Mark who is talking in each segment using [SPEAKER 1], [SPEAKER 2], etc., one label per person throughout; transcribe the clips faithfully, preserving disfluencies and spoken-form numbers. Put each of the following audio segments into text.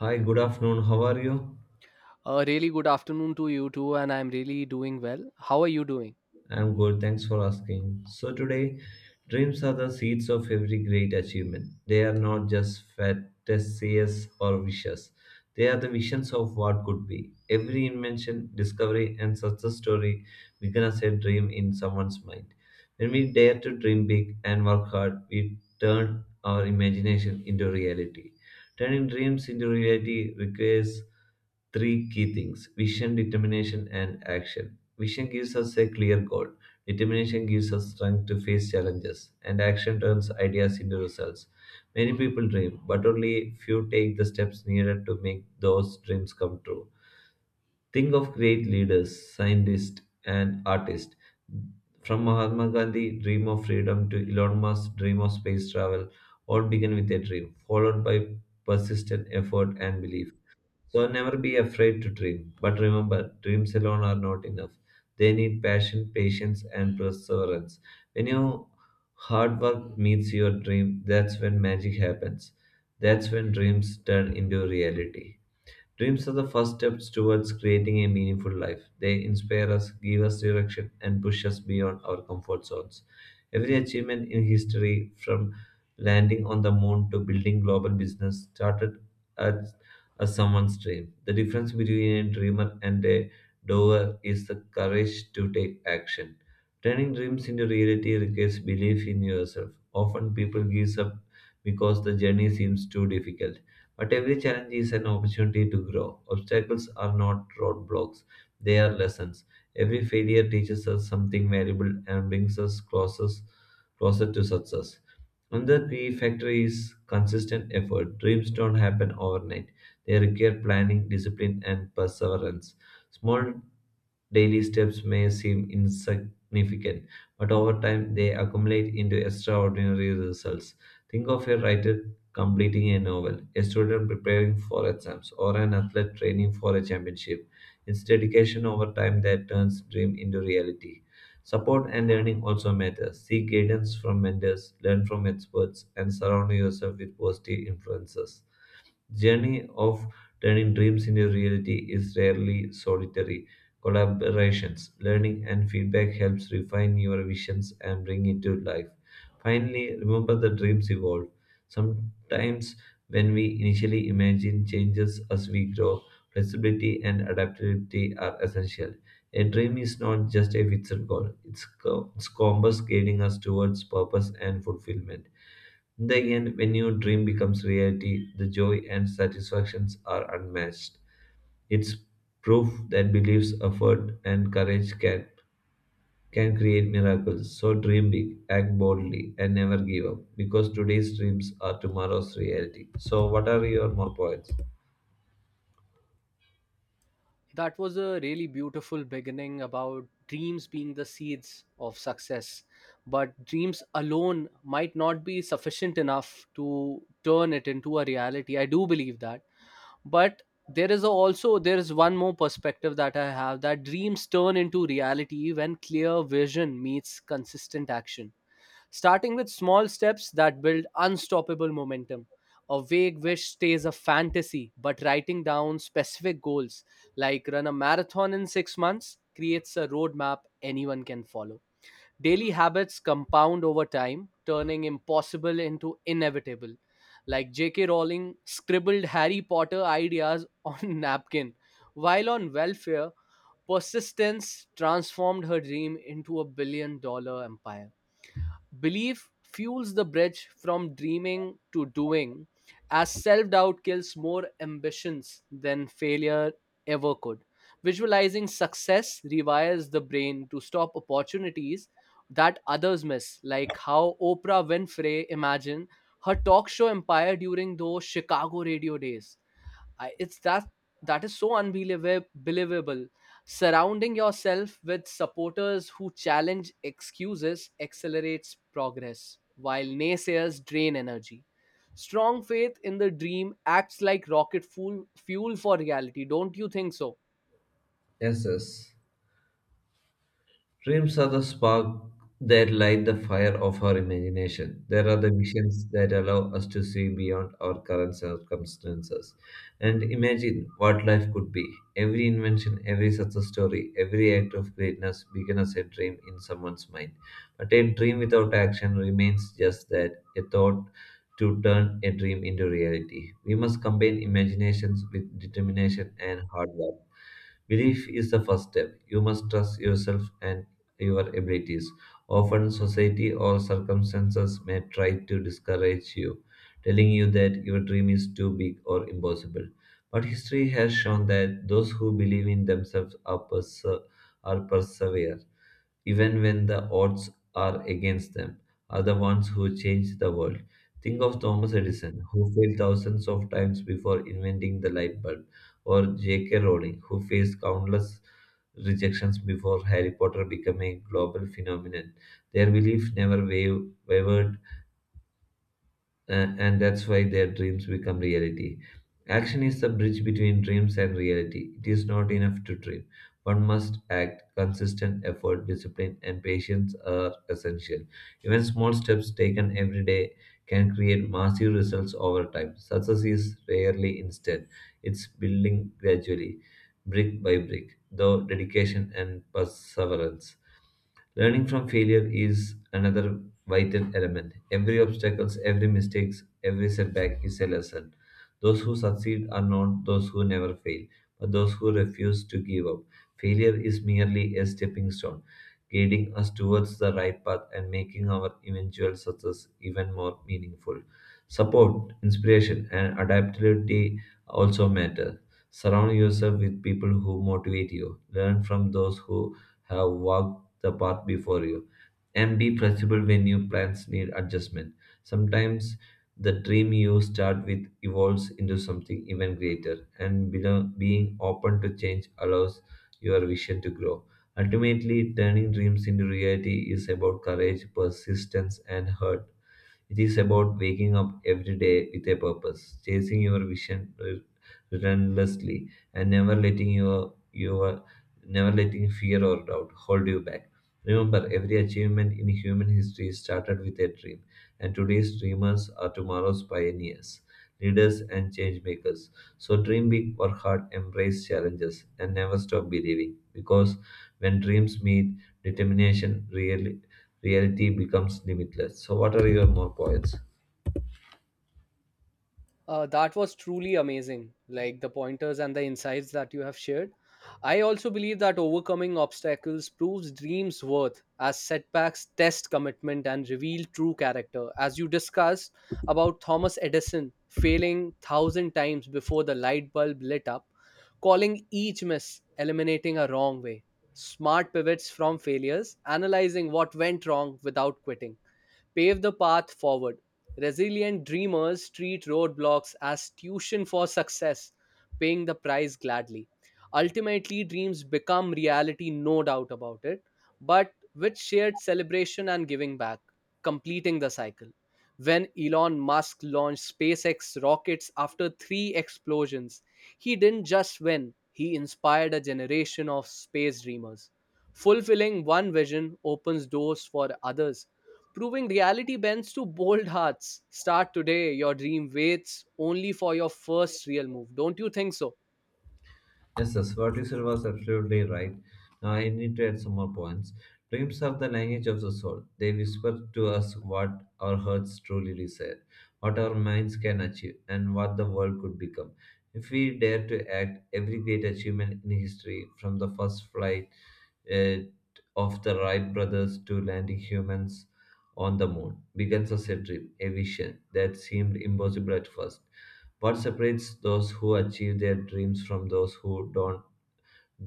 [SPEAKER 1] Hi, good afternoon. How are you?
[SPEAKER 2] A really good afternoon to you too, and I'm really doing well. How are you doing?
[SPEAKER 1] I'm good. Thanks for asking. So, today, dreams are the seeds of every great achievement. They are not just fantasies or wishes, they are the visions of what could be. Every invention, discovery, and success story begins as a dream in someone's mind. When we dare to dream big and work hard, we turn our imagination into reality. Turning dreams into reality requires three key things: vision, determination, and action. Vision gives us a clear goal, determination gives us strength to face challenges, and action turns ideas into results. Many people dream, but only few take the steps needed to make those dreams come true. Think of great leaders, scientists, and artists. From Mahatma Gandhi, dream of freedom to Elon Musk, dream of space travel, all begin with a dream, followed by persistent effort and belief. So never be afraid to dream. But remember, dreams alone are not enough. They need passion, patience, and perseverance. When your hard work meets your dream, that's when magic happens. That's when dreams turn into reality. Dreams are the first steps towards creating a meaningful life. They inspire us, give us direction, and push us beyond our comfort zones. Every achievement in history, from landing on the moon to building global business, started as, as someone's dream. The difference between a dreamer and a doer is the courage to take action. Turning dreams into reality requires belief in yourself. Often people give up because the journey seems too difficult. But every challenge is an opportunity to grow. Obstacles are not roadblocks, they are lessons. Every failure teaches us something valuable and brings us closer, closer to success. Another key factor is consistent effort. Dreams don't happen overnight. They require planning, discipline, and perseverance. Small daily steps may seem insignificant, but over time they accumulate into extraordinary results. Think of a writer completing a novel, a student preparing for exams, or an athlete training for a championship. It's dedication over time that turns dream into reality. Support and learning also matter. Seek guidance from mentors, learn from experts, and surround yourself with positive influences. Journey of turning dreams into reality is rarely solitary. Collaborations, learning, and feedback helps refine your visions and bring it to life. Finally, remember the dreams evolve. Sometimes, when we initially imagine changes as we grow, flexibility and adaptability are essential. A dream is not just a fixed goal, it's, co- it's compass guiding us towards purpose and fulfillment. In the end, when your dream becomes reality, the joy and satisfactions are unmatched. It's proof that beliefs, effort, and courage can can create miracles. So dream big, act boldly, and never give up. Because today's dreams are tomorrow's reality. So, what are your more points?
[SPEAKER 2] That was a really beautiful beginning about dreams being the seeds of success. But dreams alone might not be sufficient enough to turn it into a reality. I do believe that. But there is a- also there is one more perspective that I have, that dreams turn into reality when clear vision meets consistent action, starting with small steps that build unstoppable momentum. A vague wish stays a fantasy, but writing down specific goals, like run a marathon in six months, creates a roadmap anyone can follow. Daily habits compound over time, turning impossible into inevitable. Like J K. Rowling scribbled Harry Potter ideas on napkin. While on welfare, persistence transformed her dream into a billion dollar empire. Belief fuels the bridge from dreaming to doing, as self doubt kills more ambitions than failure ever could. Visualizing success rewires the brain to stop opportunities that others miss, like how Oprah Winfrey imagined her talk show empire during those Chicago radio days. I, it's that that is so unbelievable believable. Surrounding yourself with supporters who challenge excuses accelerates progress, while naysayers drain energy. Strong faith in the dream acts like rocket fuel fuel for reality. Don't you think so?
[SPEAKER 1] Yes, yes. Dreams are the spark that light the fire of our imagination. There are the visions that allow us to see beyond our current circumstances and imagine what life could be. Every invention, every success story, every act of greatness began as a dream in someone's mind. But a dream without action remains just that, a thought. To turn a dream into reality, we must combine imaginations with determination and hard work. Belief is the first step. You must trust yourself and your abilities. Often, society or circumstances may try to discourage you, telling you that your dream is too big or impossible. But history has shown that those who believe in themselves are, perse- are persevere even when the odds are against them, are the ones who change the world. Think of Thomas Edison, who failed thousands of times before inventing the light bulb, or J K. Rowling, who faced countless rejections before Harry Potter became a global phenomenon. Their belief never wav- wavered a- and that's why their dreams become reality. Action is the bridge between dreams and reality. It is not enough to dream. One must act. Consistent effort, discipline, and patience are essential. Even small steps taken every day can create massive results over time. Success is rarely instant, it's building gradually, brick by brick, though dedication and perseverance. Learning from failure is another vital element. Every obstacle, every mistake, every setback is a lesson. Those who succeed are not those who never fail, but those who refuse to give up. Failure is merely a stepping stone, guiding us towards the right path and making our eventual success even more meaningful. Support, inspiration, and adaptability also matter. Surround yourself with people who motivate you. Learn from those who have walked the path before you. And be flexible when your plans need adjustment. Sometimes the dream you start with evolves into something even greater, and belo- being open to change allows your vision to grow. Ultimately, turning dreams into reality is about courage, persistence, and hurt. It is about waking up every day with a purpose, chasing your vision re- relentlessly, and never letting your your never letting fear or doubt hold you back. Remember, every achievement in human history started with a dream, and today's dreamers are tomorrow's pioneers, leaders, and change makers. So dream big, work hard, embrace challenges, and never stop believing. Because when dreams meet, determination, really reality becomes limitless. So, what are your more points?
[SPEAKER 2] Uh, that was truly amazing, like the pointers and the insights that you have shared. I also believe that overcoming obstacles proves dreams worth, as setbacks test commitment and reveal true character. As you discussed about Thomas Edison failing thousand times before the light bulb lit up, calling each miss eliminating a wrong way, smart pivots from failures, analyzing what went wrong without quitting, pave the path forward. Resilient dreamers treat roadblocks as tuition for success, paying the price gladly. Ultimately, dreams become reality, no doubt about it, but with shared celebration and giving back, completing the cycle. When Elon Musk launched SpaceX rockets after three explosions, he didn't just win, he inspired a generation of space dreamers. Fulfilling one vision opens doors for others, proving reality bends to bold hearts. Start today. Your dream waits only for your first real move. Don't you think so?
[SPEAKER 1] Yes, yes, what you said was absolutely right. Now, I need to add some more points. Dreams are the language of the soul. They whisper to us what our hearts truly desire, what our minds can achieve, and what the world could become. If we dare to act, every great achievement in history, from the first flight uh, of the Wright brothers to landing humans on the moon, begins as a dream, a vision that seemed impossible at first. What separates those who achieve their dreams from those who don't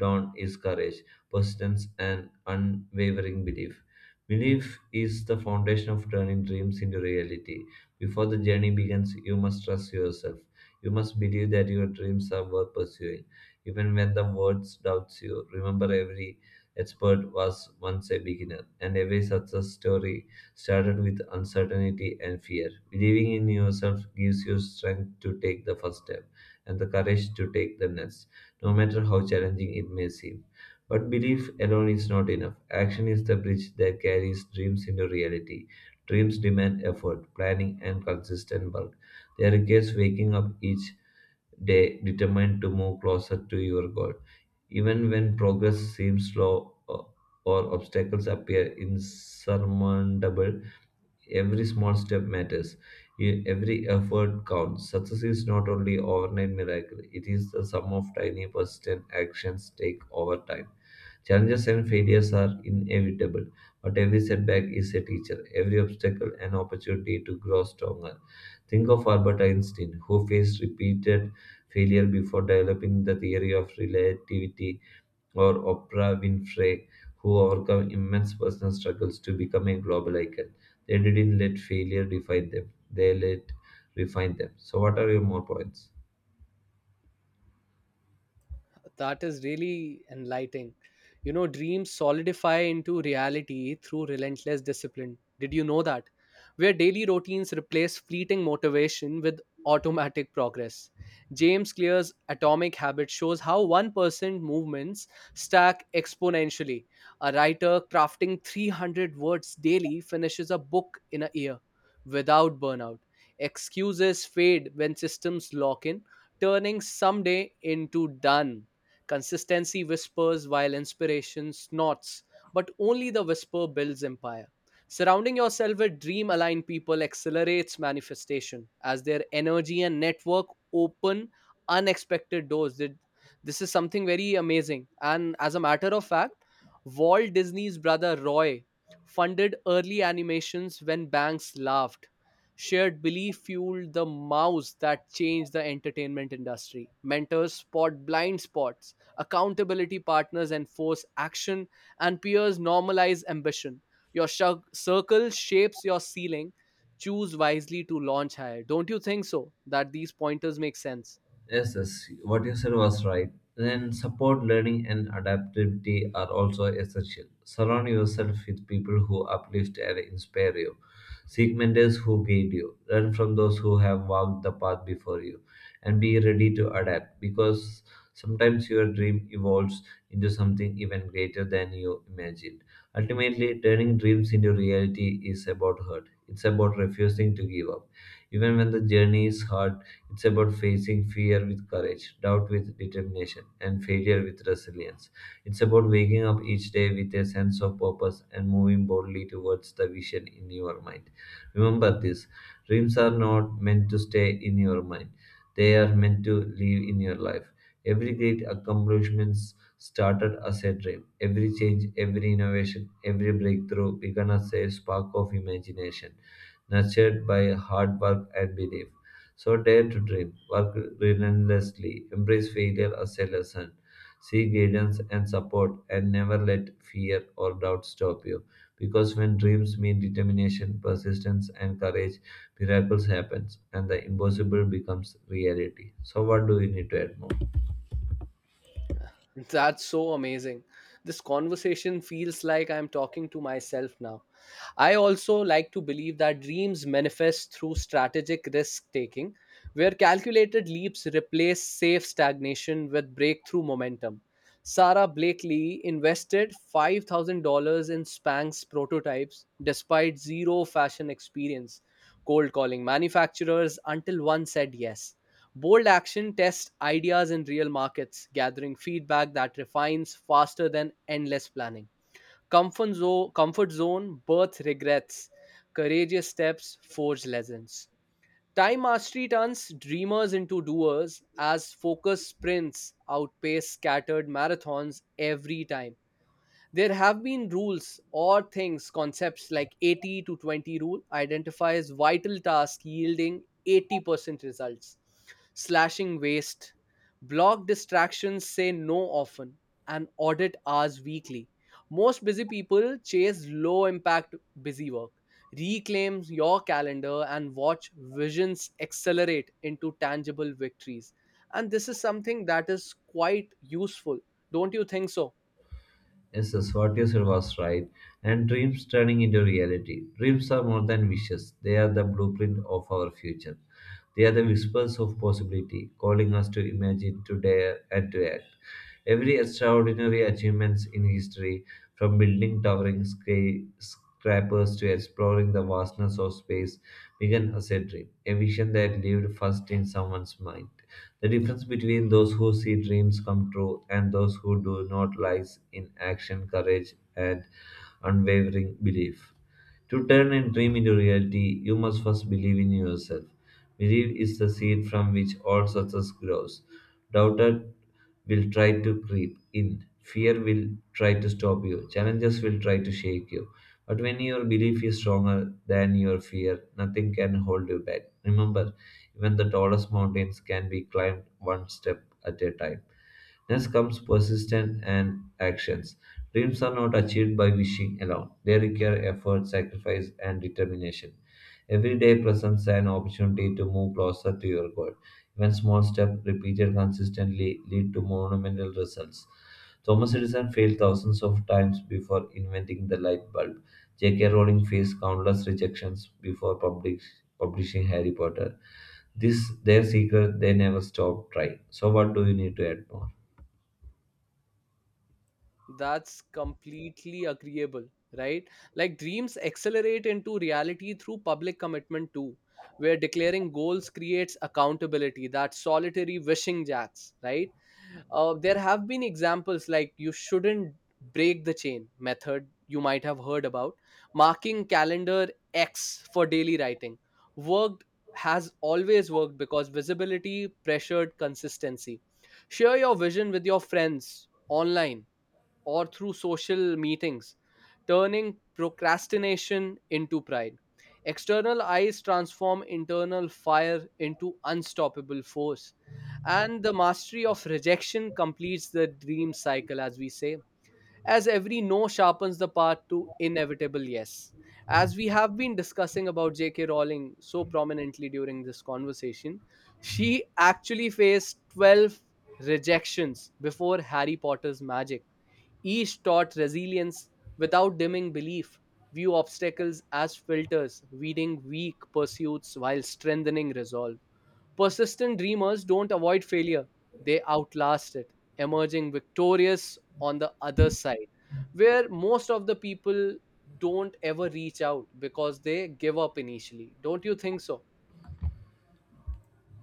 [SPEAKER 1] Dawn is courage, persistence, and unwavering belief. Belief is the foundation of turning dreams into reality. Before the journey begins, you must trust yourself. You must believe that your dreams are worth pursuing. Even when the world doubts you, remember every expert was once a beginner, and every success story started with uncertainty and fear. Believing in yourself gives you strength to take the first step and the courage to take the next, no matter how challenging it may seem. But belief alone is not enough. Action is the bridge that carries dreams into reality. Dreams demand effort, planning, and consistent work. They require waking up each day determined to move closer to your goal. Even when progress seems slow or or obstacles appear insurmountable, every small step matters. E- Every effort counts. Success is not only overnight miracle, it is the sum of tiny persistent actions take over time. Challenges and failures are inevitable, but every setback is a teacher, every obstacle an opportunity to grow stronger. Think of Albert Einstein, who faced repeated failure before developing the theory of relativity, or Oprah Winfrey, who overcome immense personal struggles to become a global icon. They didn't let failure define them, they let refine them. So, what are your more points?
[SPEAKER 2] That is really enlightening. You know, dreams solidify into reality through relentless discipline. Did you know that? Where daily routines replace fleeting motivation with automatic progress. James Clear's Atomic Habit shows how one percent movements stack exponentially. A writer crafting three hundred words daily finishes a book in a year without burnout. Excuses fade when systems lock in, turning someday into done. Consistency whispers while inspiration snorts, but only the whisper builds empire. Surrounding yourself with dream aligned people accelerates manifestation, as their energy and network open unexpected doors. Th- This is something very amazing. And as a matter of fact, Walt Disney's brother Roy funded early animations when banks laughed. Shared belief fueled the mouse that changed the entertainment industry. Mentors spot blind spots, accountability partners enforce action, and peers normalize ambition. Your shug- circle shapes your ceiling. Choose wisely to launch higher. Don't you think so? That these pointers make sense?
[SPEAKER 1] Yes, yes, what you said was right. Then support, learning, and adaptability are also essential. Surround yourself with people who uplift and inspire you. Seek mentors who guide you. Learn from those who have walked the path before you. And be ready to adapt because sometimes your dream evolves into something even greater than you imagined. Ultimately, turning dreams into reality is about hurt. It's about refusing to give up. Even when the journey is hard, it's about facing fear with courage, doubt with determination, and failure with resilience. It's about waking up each day with a sense of purpose and moving boldly towards the vision in your mind. Remember this: dreams are not meant to stay in your mind, they are meant to live in your life. Every great accomplishment started as a dream. Every change, every innovation, every breakthrough began as a spark of imagination, nurtured by hard work and belief. So dare to dream, work relentlessly, embrace failure as a lesson, seek guidance and support, and never let fear or doubt stop you. Because when dreams meet determination, persistence, and courage, miracles happen and the impossible becomes reality. So, what do we need to add more?
[SPEAKER 2] That's so amazing. This conversation feels like I'm talking to myself now. I also like to believe that dreams manifest through strategic risk taking, where calculated leaps replace safe stagnation with breakthrough momentum. Sarah Blakely invested five thousand dollars in Spanx prototypes despite zero fashion experience, cold calling manufacturers until one said yes. Bold action tests ideas in real markets, gathering feedback that refines faster than endless planning. Comfort zone, comfort zone birth regrets, courageous steps forge legends. Time mastery turns dreamers into doers, as focus sprints outpace scattered marathons every time. There have been rules or things, concepts like eighty to twenty rule identifies vital tasks yielding eighty percent results, slashing waste. Block distractions, say no often, and audit hours weekly. Most busy people chase low impact busy work. Reclaim your calendar and watch visions accelerate into tangible victories. And this is something that is quite useful. Don't you think so?
[SPEAKER 1] Yes, yes, what you said was right. And dreams turning into reality. Dreams are more than wishes, they are the blueprint of our future. They are the whispers of possibility, calling us to imagine, to dare, and to act. Every extraordinary achievements in history, from building towering skyscrapers to exploring the vastness of space, Megan as a dream, a vision that lived first in someone's mind. The difference between those who see dreams come true and those who do not lies in action, courage, and unwavering belief. To turn a dream into reality, you must first believe in yourself. Belief is the seed from which all success grows. Doubter will try to creep in. Fear will try to stop you. Challenges will try to shake you. But when your belief is stronger than your fear, nothing can hold you back. Remember, even the tallest mountains can be climbed one step at a time. Next comes persistence and actions. Dreams are not achieved by wishing alone. They require effort, sacrifice, and determination. Every day presents an opportunity to move closer to your goal. Even small steps repeated consistently lead to monumental results. Thomas Edison failed thousands of times before inventing the light bulb. J K. Rowling faced countless rejections before public, publishing Harry Potter. This their secret; they never stopped trying. So, what do you need to add more?
[SPEAKER 2] That's completely agreeable, right? Like dreams accelerate into reality through public commitment too, where declaring goals creates accountability, that solitary wishing jacks, right? Uh, there have been examples, like you shouldn't break the chain method, you might have heard about, marking calendar X for daily writing. Worked Has always worked because visibility pressured consistency. Share your vision with your friends online or through social meetings, turning procrastination into pride. External eyes transform internal fire into unstoppable force. And the mastery of rejection completes the dream cycle, as we say, as every no sharpens the path to inevitable yes. As we have been discussing about J K. Rowling so prominently during this conversation, she actually faced twelve rejections before Harry Potter's magic. Each taught resilience without dimming belief. View obstacles as filters, weeding weak pursuits while strengthening resolve. Persistent dreamers don't avoid failure, they outlast it, emerging victorious on the other side, where most of the people don't ever reach out because they give up initially. Don't you think so?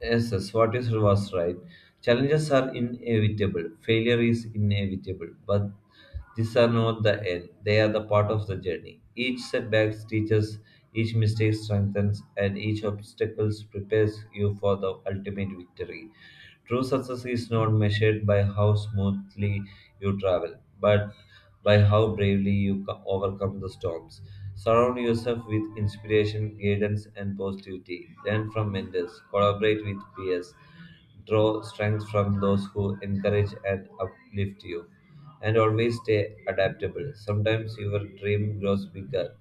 [SPEAKER 1] Yes, yes, what is was right. Challenges are inevitable. Failure is inevitable, but these are not the end. They are the part of the journey. Each setback teaches, each mistake strengthens, and each obstacle prepares you for the ultimate victory. True success is not measured by how smoothly you travel, but by how bravely you co- overcome the storms. Surround yourself with inspiration, guidance, and positivity. Learn from mentors, collaborate with peers, draw strength from those who encourage and uplift you. And always stay adaptable. Sometimes your dream grows bigger.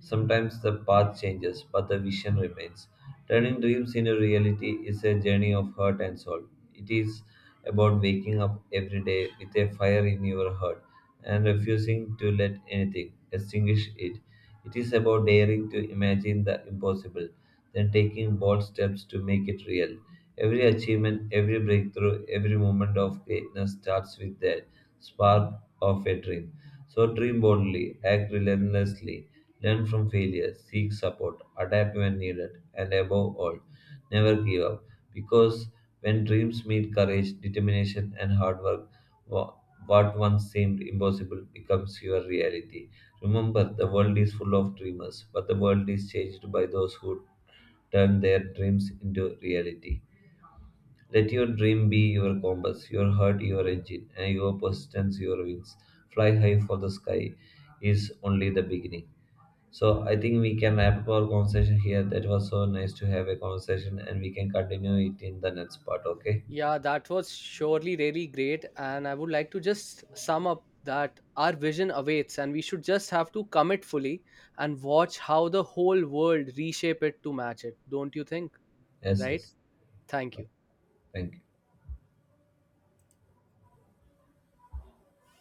[SPEAKER 1] Sometimes the path changes, but the vision remains. Turning dreams into reality is a journey of heart and soul. It is about waking up every day with a fire in your heart and refusing to let anything extinguish it. It is about daring to imagine the impossible, then taking bold steps to make it real. Every achievement, every breakthrough, every moment of greatness starts with that spark of a dream. So dream boldly, act relentlessly. Learn from failure, seek support, adapt when needed, and above all, never give up. Because when dreams meet courage, determination, and hard work, wha- what once seemed impossible becomes your reality. Remember, the world is full of dreamers, but the world is changed by those who turn their dreams into reality. Let your dream be your compass, your heart your engine, and your persistence your wings. Fly high for the sky is only the beginning. So I think we can wrap up our conversation here. That was so nice to have a conversation, and we can continue it in the next part. Okay?
[SPEAKER 2] Yeah, that was surely really great. And I would like to just sum up that our vision awaits and we should just have to commit fully and watch how the whole world reshape it to match it. Don't you think?
[SPEAKER 1] Yes,
[SPEAKER 2] Right?
[SPEAKER 1] yes.
[SPEAKER 2] Thank you.
[SPEAKER 1] Thank you.